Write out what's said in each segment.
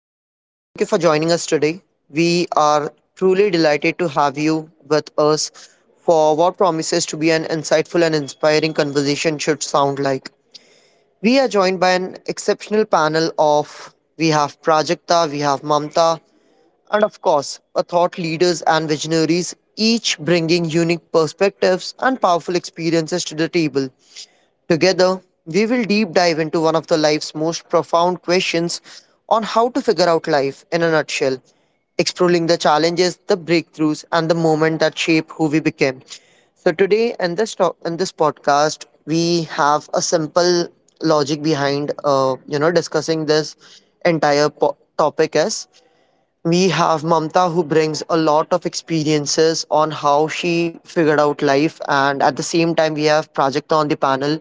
welcome and thank you for joining us today. We are truly delighted to have you with us for what promises to be an insightful and inspiring conversation should sound like. We are joined by an exceptional panel of we have Prajakta, we have Mamta, and of course, a thought leaders and visionaries, each bringing unique perspectives and powerful experiences to the table. Together, we will deep dive into one of the life's most profound questions on how to figure out life in a nutshell, exploring the challenges, the breakthroughs, and the moment that shape who we became. So today in this podcast, we have a simple logic behind discussing this entire topic, as we have Mamta who brings a lot of experiences on how she figured out life. And at the same time, we have Prajakta on the panel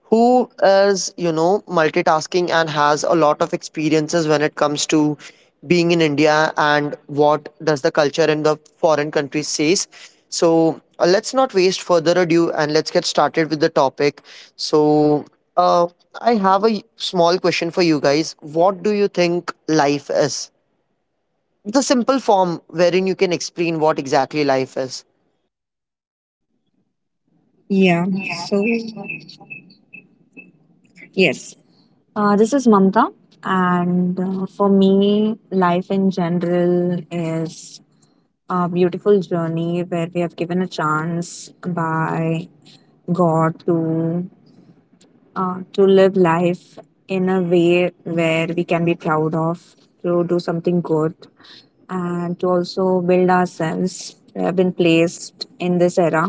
who is multitasking and has a lot of experiences when it comes to being in India and what does the culture in the foreign countries says. So let's not waste further ado and let's get started with the topic. So uh, I have a small question for you guys. What do you think life is? The simple form wherein you can explain what exactly life is. Yeah, so yes, this is Mamta, and for me, life in general is a beautiful journey where we have given a chance by God to live life in a way where we can be proud of, to do something good, and to also build ourselves. We have been placed in this era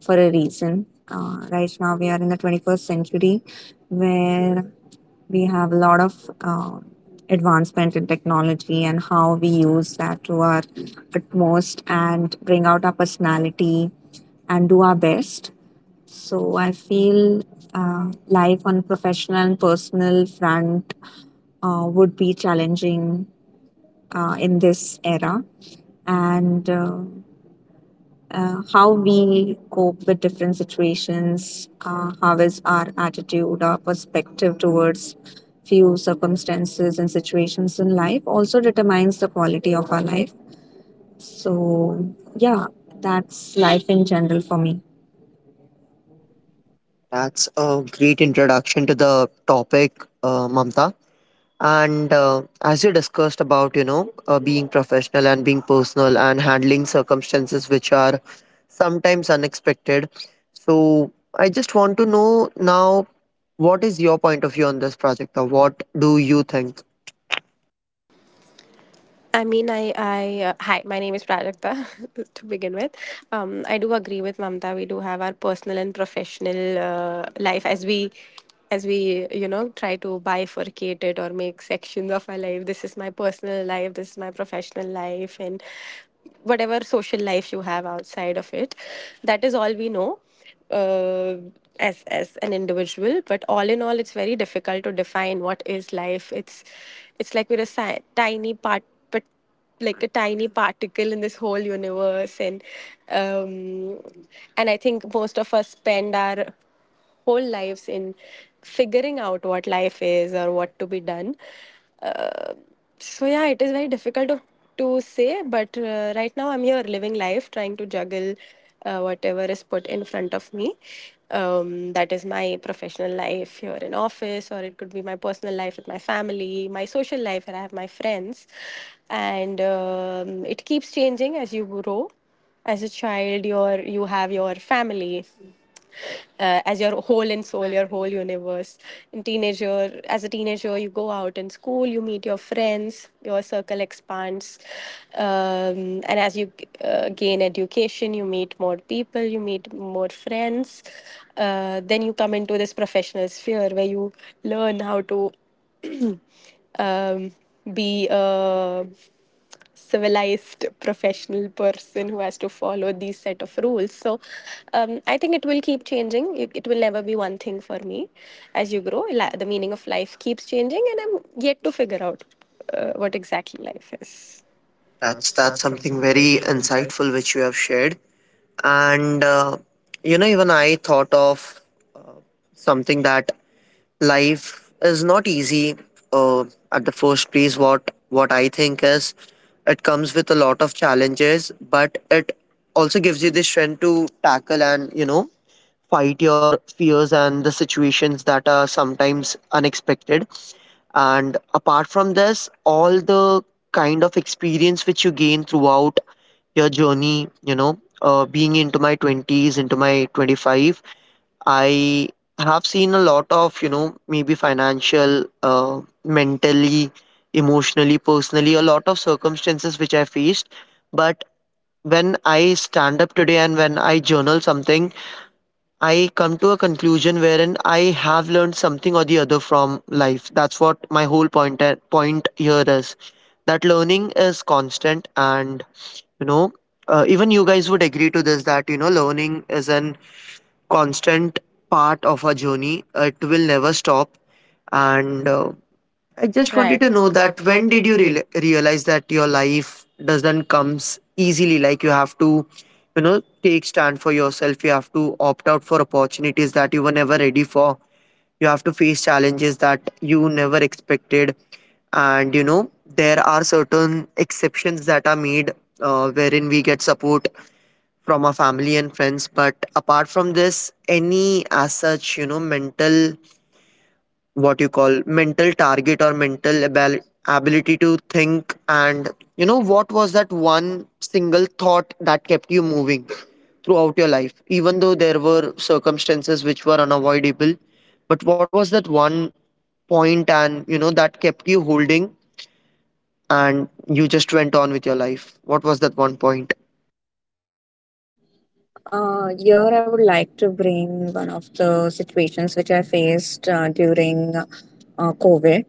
for a reason. Right now, we are in the 21st century where we have a lot of uh, advancement in technology and how we use that to our utmost and bring out our personality and do our best. So I feel life on professional and personal front would be challenging in this era, and how we cope with different situations, how is our attitude, our perspective towards few circumstances and situations in life also determines the quality of our life. So, yeah, that's life in general for me. That's a great introduction to the topic, Mamta. And as you discussed about, being professional and being personal and handling circumstances which are sometimes unexpected. So I just want to know now, what is your point of view on this project, or what do you think? I mean, hi, my name is Prajakta to begin with. I do agree with Mamta. We do have our personal and professional life, as we try to bifurcate it or make sections of our life. This is my personal life. This is my professional life, and whatever social life you have outside of it, that is all we know, uh, as an individual. But all in all, it's very difficult to define what is life. It's like we're a tiny part, but like a tiny particle in this whole universe. And um and I think most of us spend our whole lives in figuring out what life is or what to be done. So yeah, it is very difficult to say, but right now I'm here living life, trying to juggle whatever is put in front of me. That is my professional life here in office, or it could be my personal life with my family, my social life, and I have my friends, and it keeps changing as you grow. As a child, you have your family, as your whole and soul, your whole universe. In teenager as a teenager, you go out in school, you meet your friends, your circle expands. And as you gain education, you meet more people, you meet more friends. Then you come into this professional sphere, where you learn how to um, be a civilized professional person who has to follow these set of rules. So I think it will keep changing. It will never be one thing for me. As you grow, the meaning of life keeps changing, and I'm yet to figure out what exactly life is. That's That's that's that's something something very very insightful. insightful which you have shared. And even I thought of something, that life is not easy uh, at the first place. What I think is, it comes with a lot of challenges, but it also gives you the strength to tackle and fight your fears and the situations that are sometimes unexpected. And apart from this, all the kind of experience which you gain throughout your journey, being into my 20s, into my 25, I have seen a lot of, maybe financial, mentally, emotionally, personally, a lot of circumstances which I faced. But when I stand up today and when I journal something, I come to a conclusion wherein I have learned something or the other from life. That's what my whole point here is. That learning is constant, and you know, even you guys would agree to this, that learning is an constant part of our journey. It will never stop. And I I just just wanted wanted right to to know, know that that, when when did did you you realize? realize that your life doesn't comes easily? Like, you have to, take stand for yourself. You have to opt out for opportunities that you were never ready for. You have to face challenges that you never expected. And there are certain exceptions that are made, wherein we get support from our family and friends. But apart from this, any as such, mental, what you call mental target or mental ability to think, and what was that one single thought that kept you moving throughout your life, even though there were circumstances which were unavoidable? But what was that one point and that kept you holding, and you just went on with your life? What was that one point? Here, I would like to bring one of the situations which I faced during COVID.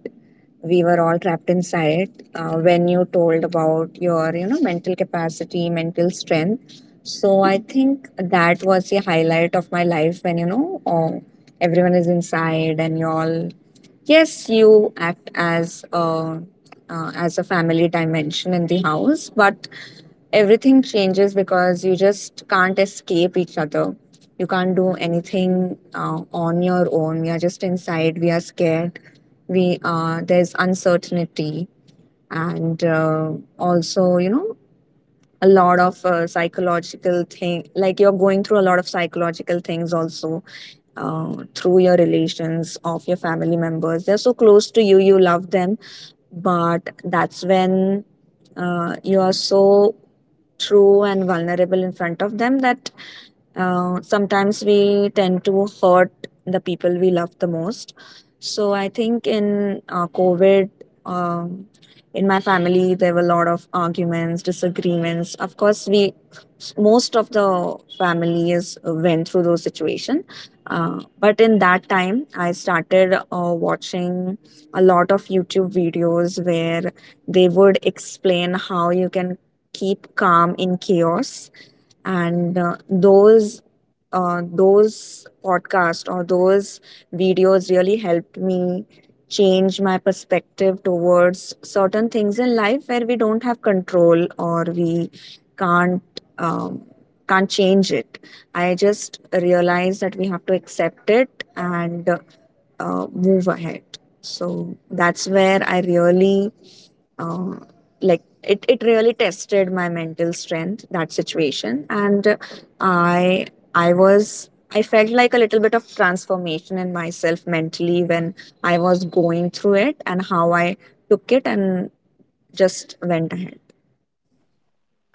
We were all trapped inside. When you told about your mental capacity, mental strength, so I think that was the highlight of my life when everyone is inside and you all. Yes, you act as a as a family dimension in the house, but everything changes because you just can't escape each other. You can't do anything on your own. We are just inside. We are scared. We there's uncertainty, and also a lot of psychological thing, like, you're going through a lot of psychological things also through your relations of your family members. They're so close to you, you love them, but that's when you are so true and vulnerable in front of them that sometimes we tend to hurt the people we love the most. So I think in COVID, um, in my family there were a lot of arguments, disagreements. Of course, we, most of the family is, went through those situation, but in that time I started watching a lot of YouTube videos where they would explain how you can keep calm in chaos. And those podcasts or those videos really helped me change my perspective towards certain things in life where we don't have control or we can't um, can't change it. I just realize that we have to accept it and move ahead. So that's where I really, um, like, it really tested my mental strength, that situation, and i I felt like a little bit of transformation in myself mentally when I was going through it and how I took it and just went ahead.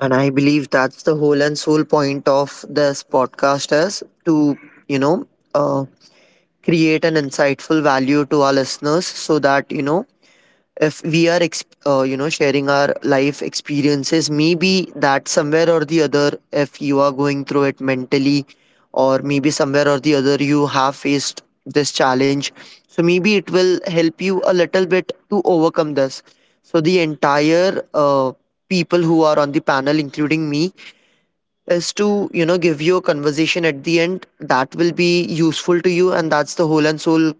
And I believe that's the whole and sole point of this podcast, is to, you know, uh, create an insightful value to our listeners, so that, if we are, sharing our life experiences, maybe that somewhere or the other, if you are going through it mentally, or maybe somewhere or the other, you have faced this challenge. So maybe it will help you a little bit to overcome this. So the entire people who are on the panel, including me, is to give you a conversation at the end that will be useful to you, and that's the whole and soul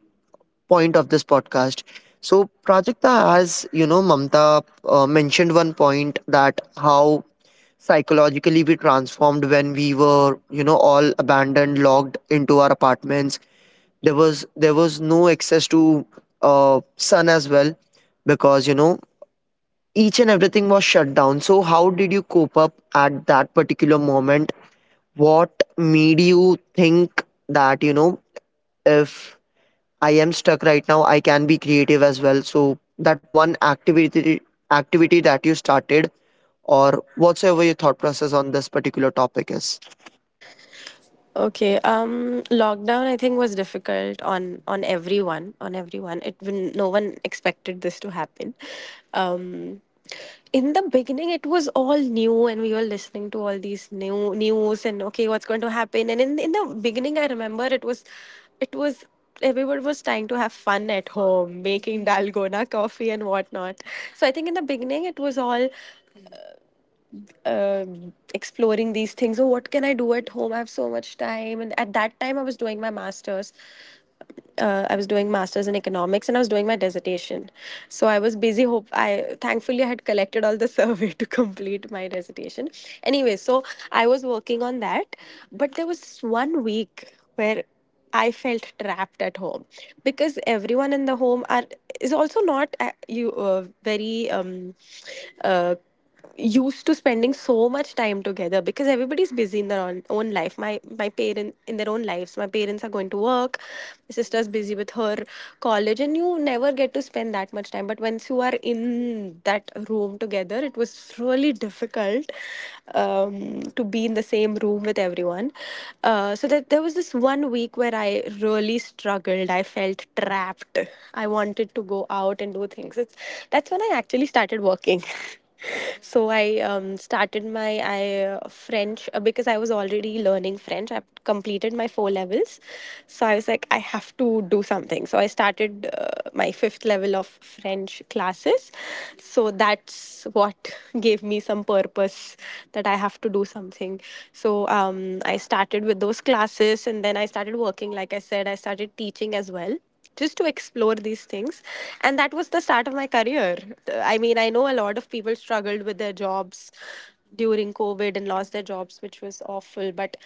point of this podcast. So Prajakta, as you know, Mamta mentioned one point, that how psychologically we transformed when we were all abandoned, locked into our apartments. There was no access to sun as well, because each and everything was shut down. So how did you cope up at that particular moment? What made you think that, if I am stuck right now, I can be creative as well? So that one activity that you started, or whatsoever your thought process on this particular topic is. Okay. Lockdown I think was difficult on everyone, on everyone. It when no one expected this to happen. Um, in the beginning it was all new, and we were listening to all these new news, and okay, what's going to happen, and in the beginning I remember it was everyone was trying to have fun at home, making dalgona coffee and whatnot. So I think in the beginning it was all uh, exploring these things. Oh, what can I do at home? I have so much time. And at that time, I was doing my masters. I was doing masters in economics, and I was doing my dissertation. So I was busy. Hope I thankfully I had collected all the survey to complete my dissertation. Anyway, so I was working on that, but there was one week where I felt trapped at home, because everyone in the home are is also not you very uh, used to spending so much time together, because everybody's busy in their own, life. My parent in their own lives, my parents are going to work, my sister's busy with her college, and you never get to spend that much time. But once you are in that room together, it was really difficult, to be in the same room with everyone. So that, there was this one week where I really struggled. I felt trapped. I wanted to go out and do things. That's when I actually started working. So I started french, because I was already learning french, I completed my four levels. So I was like, I have to do something, so I started my fifth level of french classes. So that's what gave me some purpose, that I have to do something. So I started with those classes, and then I started working. Like I said, I started teaching as well, just to explore these things, and that was the start of my career. I mean, I know a lot of people struggled with their jobs during covid and lost their jobs, which was awful, but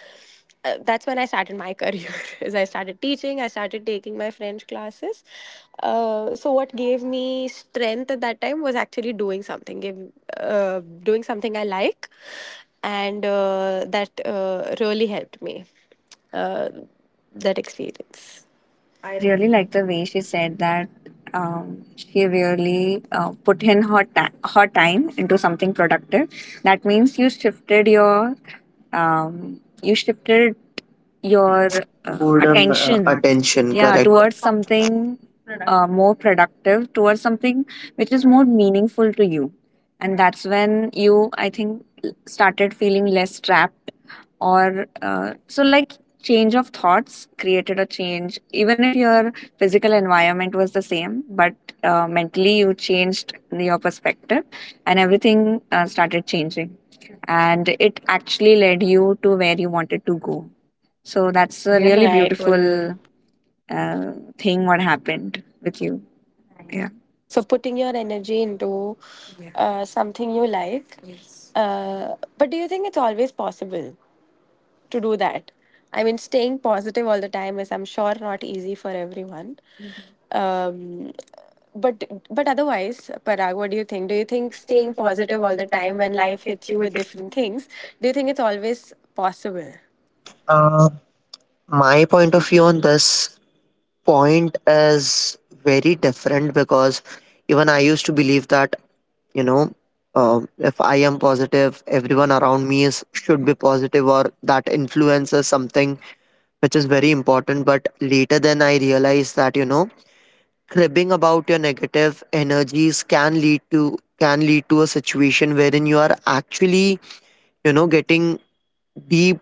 that's when I started my career. Is I started teaching, I started taking my french classes. So what gave me strength at that time was actually uh, doing something I like, and that really helped me, uh, that experience. I I really really like like the the way way she she said said that. that. She really put in her time into something productive. That means you shifted your, um, you shifted Towards Boredom, attention, attention, yeah, correct. towards something more productive, towards something which is more meaningful to you, and that's when you, I think, started feeling less trapped, or so, like, change of thoughts created a change. Even if your physical environment was the same, but mentally you changed your perspective, and everything started changing, and it actually led you to where you wanted to go. So It's that's a a really, really right, beautiful. beautiful uh, thing, what happened with you. Yeah. So putting your energy into, yeah, something you like. Yes. But do you think it's always possible to do that? I mean, staying positive all the time is, I'm sure, not easy for everyone. Um, but but otherwise, Parag, what do you think? Do you think staying positive all the time when life hits you with different things? Do you think it's always possible? uh, my point of view on this point is very different, because even I used to believe that, you know, if I am positive, everyone around me is should be positive, or that influences something which is very important. But later then I realized that, cribbing about your negative energies can lead to a situation wherein you are actually, getting deep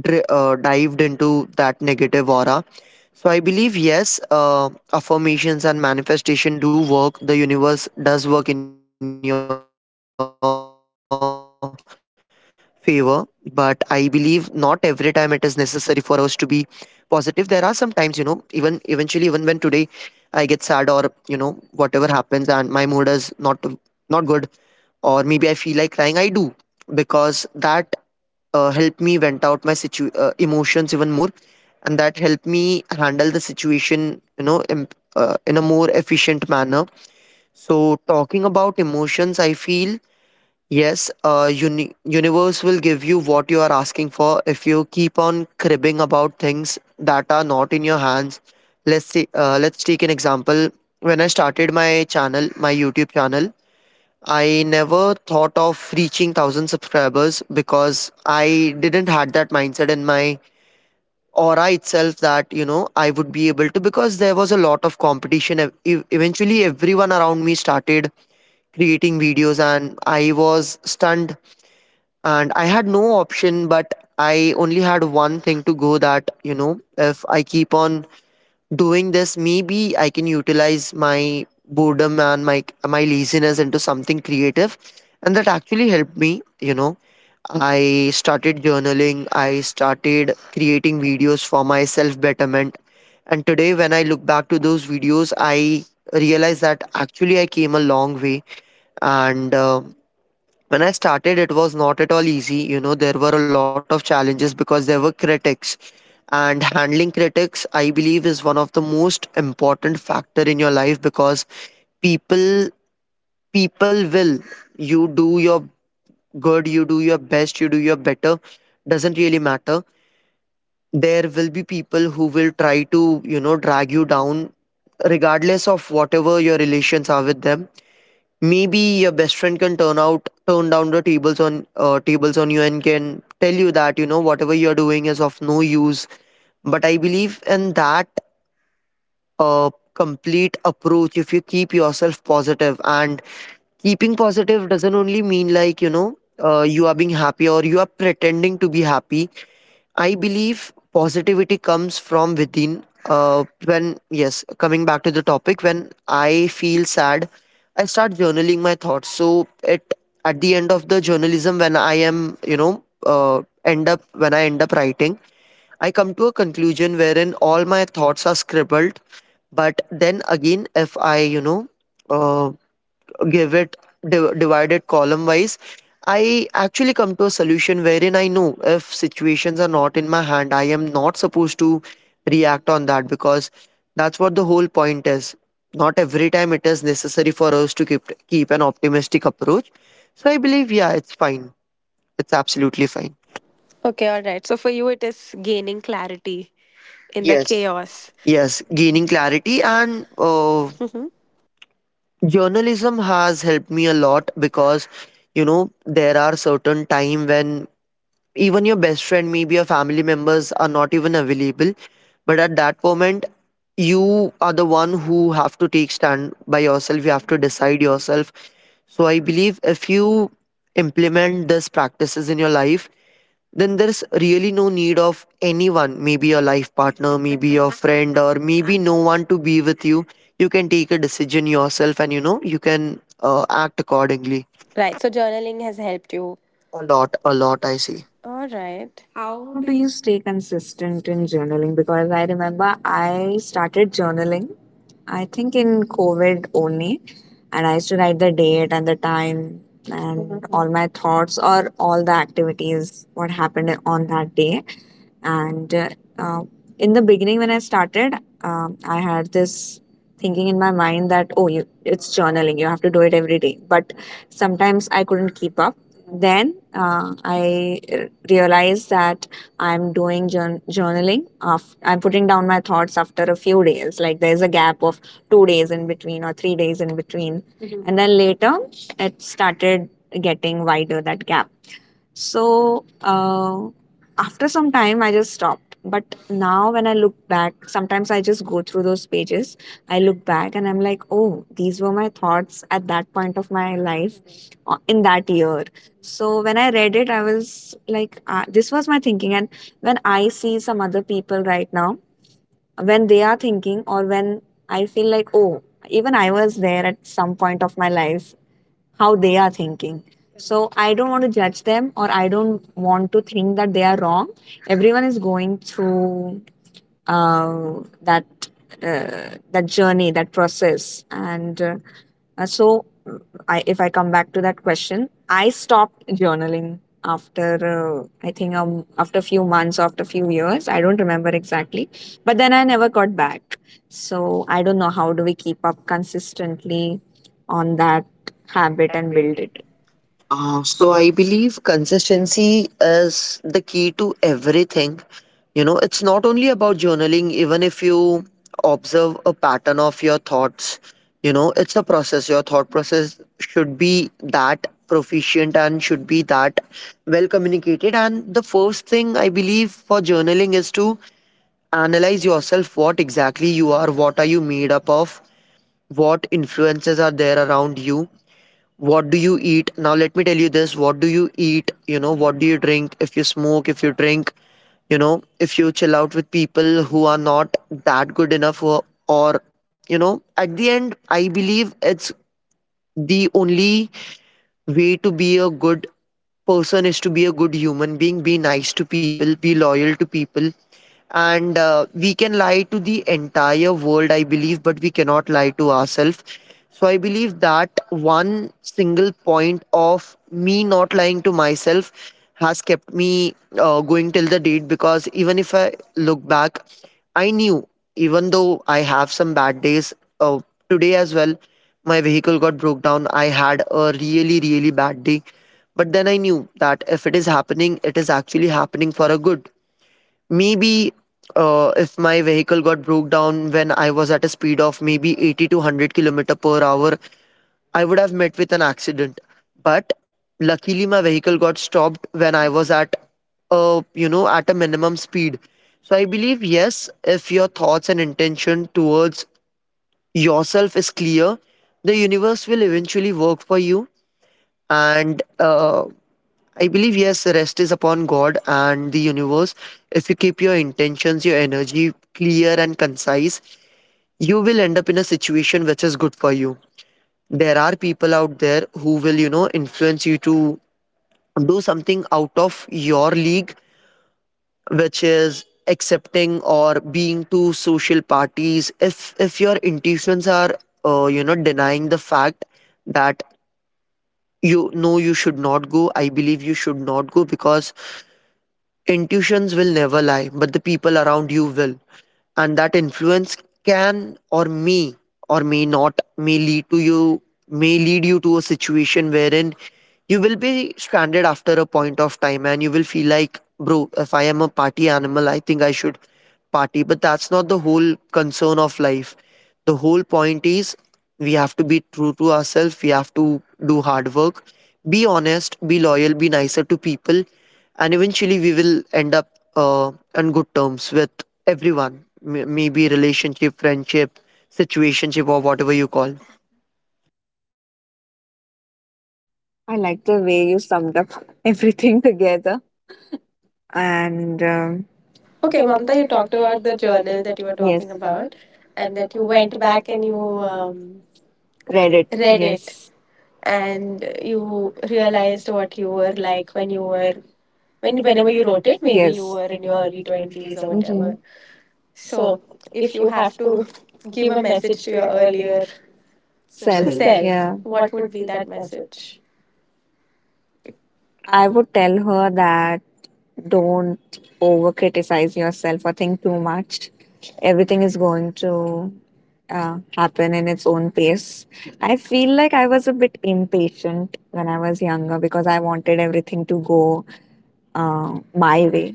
dived into that negative aura. So I believe, yes, affirmations and manifestation do work. The universe does work in your favor, but I believe not every time it is necessary for us to be positive. There are some times, even eventually, even when today I get sad, or whatever happens and my mood is not good, or maybe I feel like crying, I do, because that helped me vent out my emotions even more, and that helped me handle the situation, in a more efficient manner. So talking about emotions, I feel, yes, universe will give you what you are asking for, if you keep on cribbing about things that are not in your hands. Let's see. Let's take an example. When I started my YouTube channel, I never thought of reaching 1,000 subscribers, because I didn't had that mindset in my aura itself, that I would be able to, because there was a lot of competition. Eventually, everyone around me started creating videos, and I was stunned, and I had no option, but I only had one thing to go, that if I keep on doing this, maybe I can utilize my boredom and my laziness into something creative. And that actually helped me. I started journaling, I started creating videos for my self betterment. And today, when I look back to those videos, I realize that actually I came a long way. And when I started, it was not at all easy. There were a lot of challenges, because there were critics. And handling critics, I believe, is one of the most important factor in your life, because people people will. You do your good, you do your best, you do your better. Doesn't really matter. There will be people who will try to, drag you down, regardless of whatever your relations are with them. Maybe your best friend can turn down the tables on you, and can tell you that whatever you're doing is of no use. But I believe in that complete approach. If you keep yourself positive, and keeping positive doesn't only mean like you are being happy or you are pretending to be happy. I believe positivity comes from within. Yes, coming back to the topic, when I feel sad, I start journaling my thoughts. So, it at the end of the journalism, when I am, end up when I end up writing, I come to a conclusion wherein all my thoughts are scribbled. But then again, if Iuh, give it divided column wise, I actually come to a solution wherein I know, if situations are not in my hand, I am not supposed to react on that, because that's what the whole point is. Not every time it is necessary for us to keep an optimistic approach. So I believe, yeah, it's fine, it's absolutely fine. Okay, all right. So for you, it is gaining clarity in the, yes, Yes, chaos, yes, yes. gaining Gaining clarity, clarity. and And mhm. journalism has helped Me me a a lot, lot because. because there are certain time when even your best friend, maybe your family members, are not even available. But at that moment, you are the one who have to take stand by yourself. You have to decide yourself. So I believe, if you implement these practices in your life, then there's really no need of anyone, maybe your life partner, maybe your friend, or maybe no one to be with you. You can take a decision yourself, and you can act accordingly. Right. So journaling has helped you. A lot, A a lot, lot. I I see. see. All right. How How do do you? you stay consistent in journaling? Because I remember I started journaling, I think in COVID only, and I used to write the date and the time and all my thoughts or all the activities, what happened on that day. And uh, in the beginning, when I started, I had this thinking in my mind that, oh, you, it's journaling, you have to do it every day. But sometimes I couldn't keep up. Then I realized that I'm doing journaling after, I'm putting down my thoughts after a few days. Like there's a gap of 2 days in between or 3 days in between. Mhm. And then later it started getting wider, that gap, so after some time, I just stopped. But now, when I look back, sometimes I just go through those pages. I look back and I'm like, oh, these were my thoughts at that point of my life, in that year. So when I read it, I was like, this was my thinking. And when I see some other people right now, when they are thinking, or when I feel like, oh, even I was there at some point of my life, how they are thinking. So I don't want to judge them or I don't want to think that they are wrong. Everyone is going through uh, that that journey, that process, and so if I come back to that question, I stopped journaling after, I think, after a few months, after a few years. I don't remember exactly, but then I never got back. So I don't know how do we keep up consistently on that habit and build it. So I believe consistency is the key to everything. You know, it's not only about journaling, even if you observe a pattern of your thoughts, you know, it's a process. Your thought process should be that proficient and should be that well communicated. And the first thing I believe for journaling is to analyze yourself, what exactly you are, what are you made up of, what influences are there around you, what do you eat. Now let me tell you this, what do you eat, you know, what do you drink, if you smoke, if you drink, you know, if you chill out with people who are not that good enough or you know, at the end I believe it's the only way to be a good person is to be a good human being, be nice to people, be loyal to people. And we can lie to the entire world, I believe, but we cannot lie to ourselves. So I believe that one single point of me not lying to myself has kept me going till the date. Because even if I look back, I knew, even though I have some bad days uh, today as well, my vehicle got broke down. I had a really, really bad day. But then I knew that if it is happening, it is actually happening for a good. Maybe if my vehicle got broke down when I was at a speed of maybe 80 to 100 kilometer per hour, I would have met with an accident. But luckily, my vehicle got stopped when I was at a, you know, at a minimum speed. So I believe, yes, if your thoughts and intention towards yourself is clear, the universe will eventually work for you. And I believe, yes, rest is upon God and the universe. If you keep your intentions, your energy clear and concise, you will end up in a situation which is good for you. There are people out there who will, you know, influence you to do something out of your league, which is accepting or being to social parties. If your intuitions are you know, denying the fact that you know you should not go, I believe you should not go, because intuitions will never lie, but the people around you will. And that influence can or may not may lead to you may lead you to a situation wherein you will be stranded after a point of time, and you will feel like, bro, if I am a party animal, I think I should party. But that's not the whole concern of life. The whole point is we have to be true to ourselves, we have to do hard work, be honest, be loyal, be nicer to people, and eventually we will end up on good terms with everyone, maybe relationship, friendship, situationship, or whatever you call. I like the way you summed up everything together, and. Okay, Okay, Mamta, Mamta, you you talked talked about about the the journal journal that that you you were, were yes, talking, talking yes, about, about, and and that that you you went went back back and and you you, um um, read read it, it. read Read it, it, yes, and and you you realized realized what what you you were were like like when you were, when whenever whenever you you wrote wrote it. it, maybe you, Maybe you yes, were were in in your your early early twenties twenties or or whatever. Mm-hmm. whatever. So, So, if if you you have have to to give give a a message message to to your your earlier earlier Self. Self. self, self yeah, what what would would be be that that message? message? I I would. would tell her that, don't over criticize yourself or think too much. Everything is going to happen in its own pace. I feel like I was a bit impatient when I was younger because I wanted everything to go my way.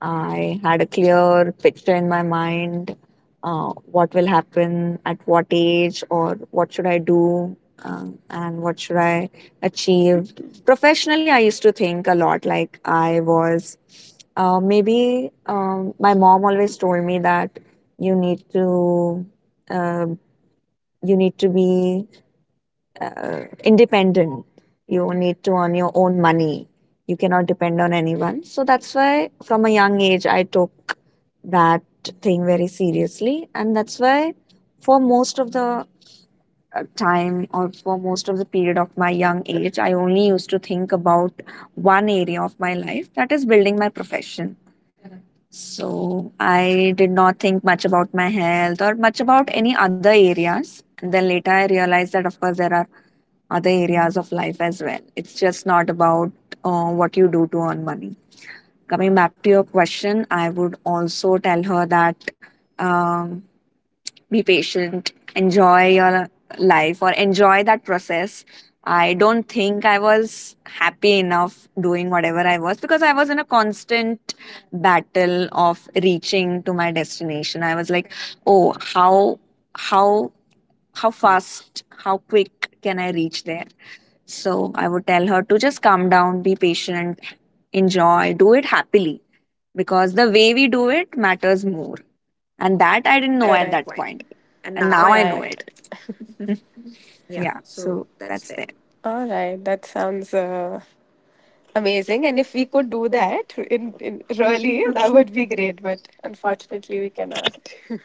I had a clear picture in my mind, what will happen at what age or what should I do, and what should I achieve. Professionally, I used to think a lot, like I was maybe my mom always told me that you need to, uh, be independent. You need to earn your own money. You cannot depend on anyone. So that's why, from a young age, I took that thing very seriously. And that's why, for most of the time, or for most of the period of my young age, I only used to think about one area of my life, that is, building my profession. So I did not think much about my health or much about any other areas. And then later I realized that, of course, there are other areas of life as well. It's just not about what you do to earn money. Coming back to your question, I would also tell her that, um, be patient, enjoy your life or enjoy that process. I don't think I was happy enough doing whatever I was because I was in a constant battle of reaching to my destination. I was like, oh, how how fast, how quick can I reach there? So I would tell her to just calm down, be patient, enjoy, do it happily because the way we do it matters more. And that I didn't Know at know that, at correct, that point. point. And And now now I I know, know right, it. it. Yeah. Yeah. So So that's that's there. there. All right, that sounds amazing, and if we could do that in really, that would be great, but unfortunately we cannot.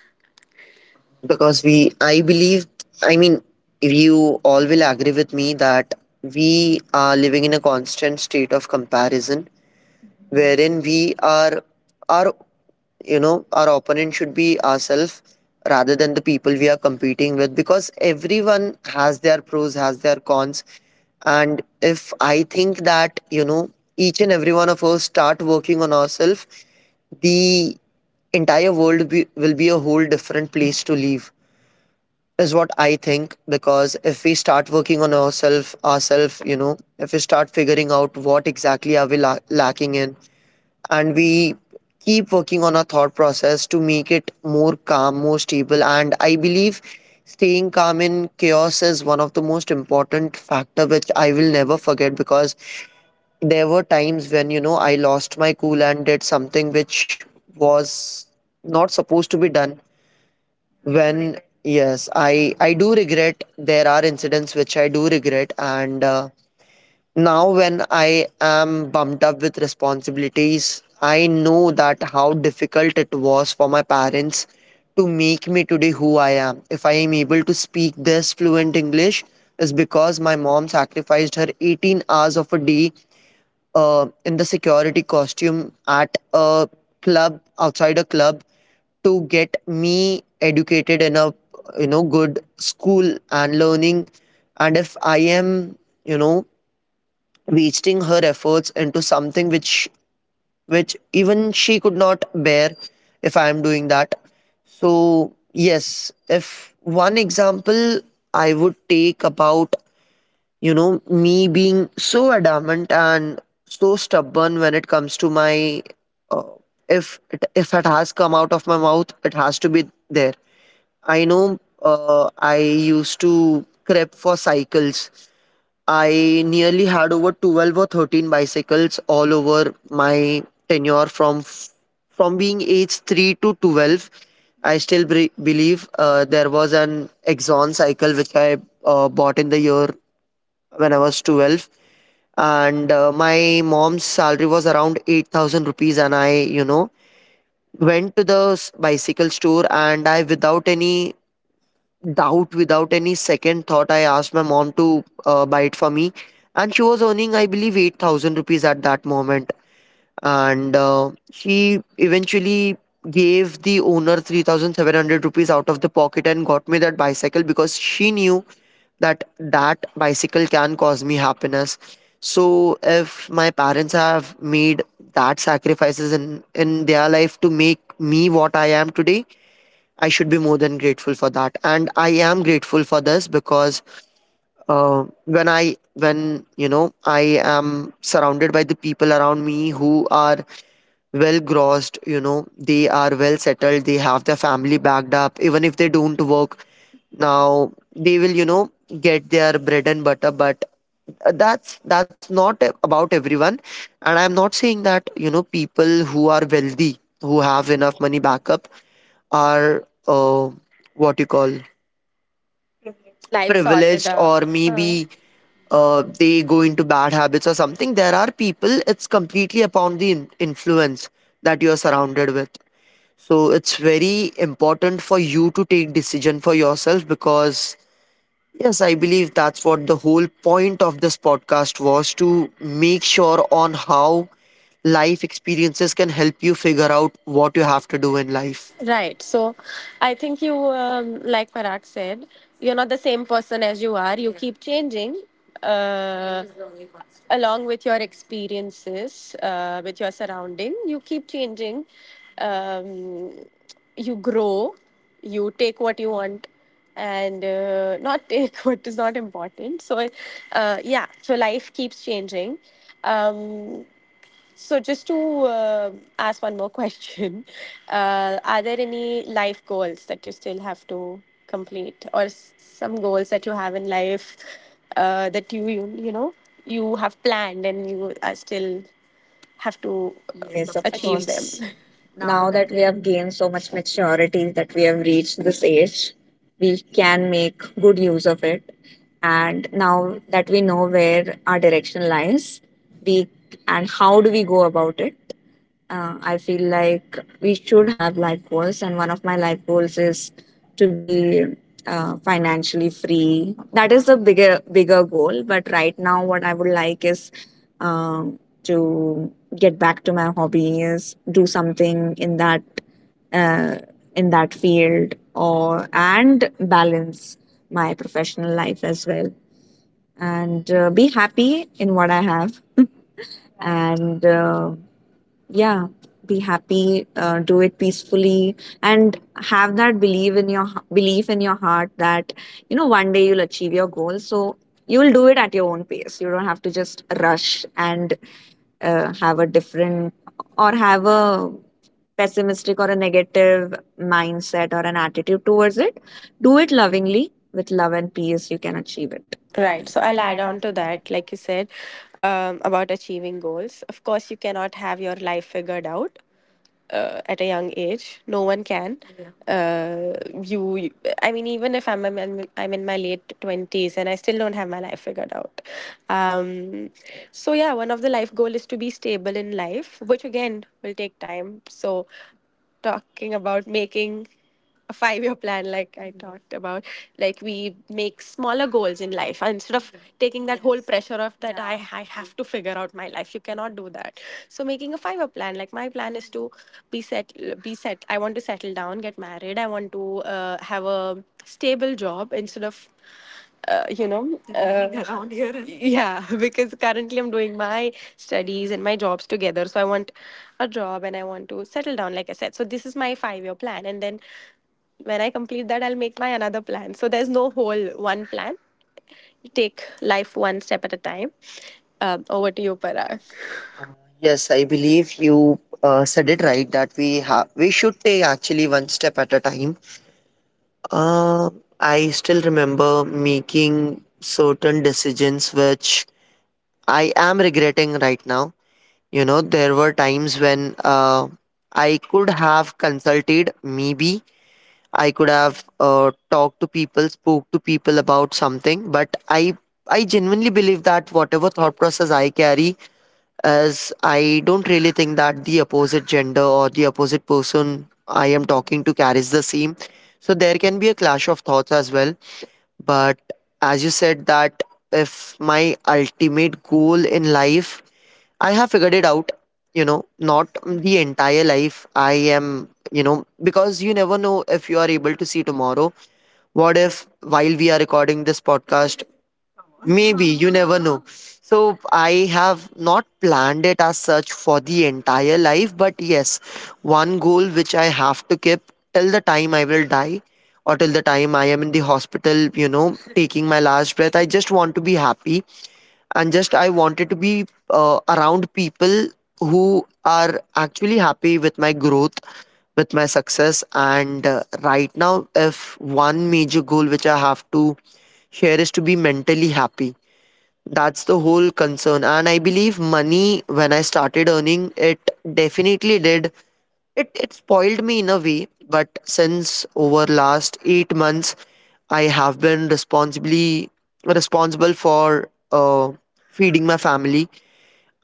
Because we I believe, I mean, you all will agree with me that we are living in a constant state of comparison, wherein we are our you know, our opponent should be ourselves rather than the people we are competing with, because everyone has their pros, has their cons. And if I think that, you know, each and every one of us start working on ourselves, the entire world will be a whole different place to live is what I think. Because if we start working on ourselves, you know, if we start figuring out what exactly are we lacking in, and we keep working on our thought process to make it more calm, more stable, and I believe staying calm in chaos is one of the most important factor, which I will never forget. Because there were times when, you know, I lost my cool and did something which was not supposed to be done. When, yes, I do regret, there are incidents which I do regret. And now when I am bumped up with responsibilities, I know that how difficult it was for my parents to make me today who I am. If I am able to speak this fluent English, is because my mom sacrificed her 18 hours of a day in the security costume at a club outside a club, to get me educated in a, you know, good school and learning. And if I am, you know, wasting her efforts into something which even she could not bear, if I am doing that. So yes, if one example I would take about, you know, me being so adamant and so stubborn when it comes to my uh, if it has come out of my mouth, it has to be there. I know, I used to prep for cycles. I nearly had over 12 or 13 bicycles all over my tenure, from being age 3 to 12. I still believe there was an Exxon cycle which I bought in the year when I was 12. And my mom's salary was around 8,000 rupees, and I, you know, went to the bicycle store, and I, without any doubt, without any second thought, I asked my mom to buy it for me. And she was earning, I believe, 8,000 rupees at that moment. And she eventually gave the owner 3,700 rupees out of the pocket and got me that bicycle, because she knew that that bicycle can cause me happiness. So if my parents have made that sacrifices in their life to make me what I am today, I should be more than grateful for that, and I am grateful for this. Because when you know, I am surrounded by the people around me who are well grossed, you know, they are well settled, they have their family backed up, even if they don't work now, they will, you know, get their bread and butter. But that's not about everyone. And I'm not saying that, you know, people who are wealthy, who have enough money backup, are what you call Life's sorted privilege privileged, out, or or huh, maybe maybe they they go go. into bad habits or something. There are people, it's completely upon the influence that you are surrounded with. So it's very important for you to take decision for yourself. Because yes, I believe that's what the whole point of this podcast was, to make sure on how life experiences can help you figure out what you have to do in life. Right. So I think you, like Parag said, you're not the same person as you are. You, yeah, keep changing, uh, along with your experiences, with your surrounding. You keep changing. Um, you grow. You take what you want, and not take what is not important. So, yeah, so life keeps changing. Um, just to uh, ask one more question, are there any life goals that you still have to complete, or some goals that you have in life, that you know you have planned, and you are still have to, yes, Yes, of of achieve course, course. them? Now Now that that we. we have gained so much maturity, that we have reached this age, we can make good use of it. And now that we know where our direction lies, we and how do we go about it? I feel like we should have life goals, and one of my life goals is to be financially free. That is the bigger goal. But right now, what I would like is, um, to get back to my hobbies, do something in that, uh, field, or and balance my professional life as well, and be happy in what I have, and yeah, be happy, do it peacefully, and have that belief in your heart that, one day you'll achieve your goal. So you will do it at your own pace. You don't have to just rush and uh, have a different have a pessimistic or a negative mindset or an attitude towards it. Do it lovingly. With love and peace, you can achieve it. Right. So I'll add on to that, like you said, about achieving goals. Of course, you cannot have your life figured out, at a young age. No one can. Yeah. I mean, even if I'm in my late twenties and I still don't have my life figured out. Um, so yeah, one of the life goal is to be stable in life, which again will take time. So talking about making a 5-year plan, like I talked about, like we make smaller goals in life instead of taking that whole pressure of that I have to figure out my life, you cannot do that. So making a 5-year plan, like my plan is to be set be set. I want to settle down, get married. I want to have a stable job, instead of around here, yeah, because currently I'm doing my studies and my jobs together. So I want a job, and I want to settle down, like I said. So this is my 5-year plan. And then when I complete that, I'll make my another plan. So there's no whole one plan. Take life one step at a time. Over to you, Parag. Yes, I believe you said it right, that we have, we should take actually one step at a time. Uh, I still remember making certain decisions which I am regretting right now. You know, there were times when I could have consulted, maybe I could have talked to people, spoke to people about something, but I genuinely believe that whatever thought process I carry, as I don't really think that the opposite gender or the opposite person I am talking to carries the same. So there can be a clash of thoughts as well. But as you said that, if my ultimate goal in life, I have figured it out, you know, not the entire life I am, you know, because you never know if you are able to see tomorrow. What if, while we are recording this podcast, maybe you never know? So, I have not planned it as such for the entire life, but yes, one goal which I have to keep till the time I will die or till the time I am in the hospital, you know, taking my last breath. I just want to be happy, and just I wanted to be around people who are actually happy with my growth, with my success. And right now, if one major goal which I have to share, is to be mentally happy, that's the whole concern. And I believe money, when I started earning, it definitely did. It spoiled me in a way. But since over last 8 months, I have been responsibly responsible for feeding my family.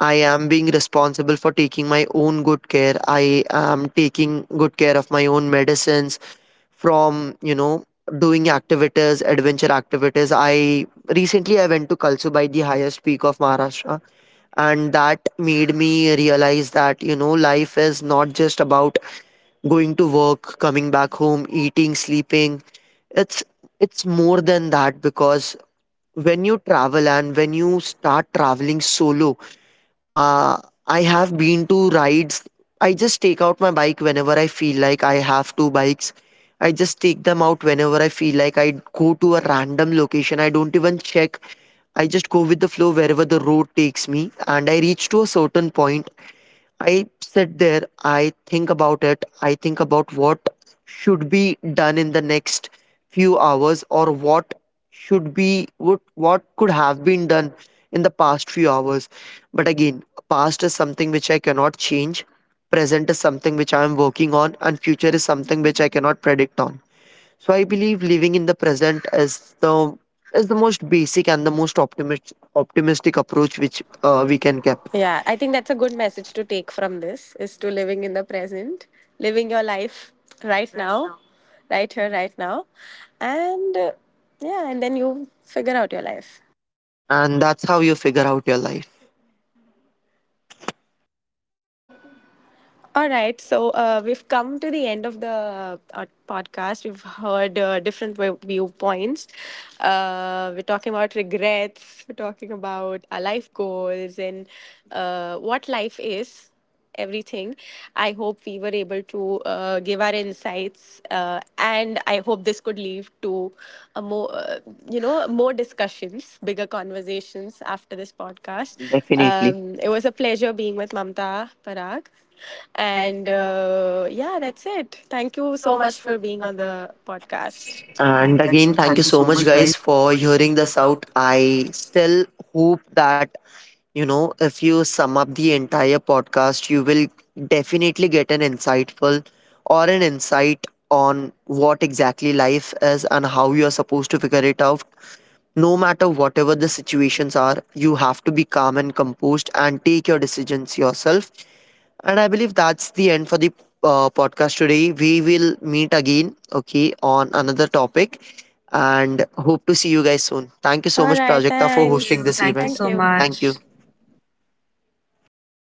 I am being responsible for taking my own good care. I am taking good care of my own medicines, from, you know, doing activities, adventure activities. I recently, I went to Kalsubai, the highest peak of Maharashtra. And that made me realize that, you know, life is not just about going to work, coming back home, eating, sleeping. It's it's more than that, because when you travel, and when you start traveling solo, uh, I have been to rides. I just take out my bike whenever I feel like, I have two bikes. I just take them out whenever I feel like. I go to a random location, I don't even check. I just go with the flow wherever the road takes me. And I reach to a certain point, I sit there, I think about it, I think about what should be done in the next few hours, or what should be, what could have been done in the past few hours. But again, past is something which I cannot change, present is something which I am working on, and future is something which I cannot predict on. So I believe living in the present is the most basic and the most optimistic approach which uh, we we can can keep, talk. Yeah, I think that's a good message to take from this, is to living in the present, living your life right now, right here, right now. And yeah, and then you figure out your life. and that's how you figure out your life. All right, so we've come to the end of the podcast. We've heard different viewpoints. We're talking about regrets, we're talking about our life goals and what life is, everything. I hope we were able to give our insights, and I hope this could lead to a more, you know, more discussions, bigger conversations after this podcast. Definitely. It was a pleasure being with Mamta, Parag. And yeah, that's it. Thank you so much for being on the podcast. And And again, again, thank thank you you so so much, much, guys, guys, for for hearing hearing this this out. out. I I still hope that, you know, if you sum up the entire podcast, you will definitely get an insightful or an insight on what exactly life is, and how you are supposed to figure it out. No matter whatever the situations are, you have to be calm and composed and take your decisions yourself. And I believe that's the end for the podcast today. We will meet again, okay, on another topic, and hope to see you guys soon. thank Thank you you so, all, so much, much, right, Prajakta, for hosting Prajakta, for thanks. Thank Fixing hosting you. this this. Thank you event. Thank so you. Thank you. much.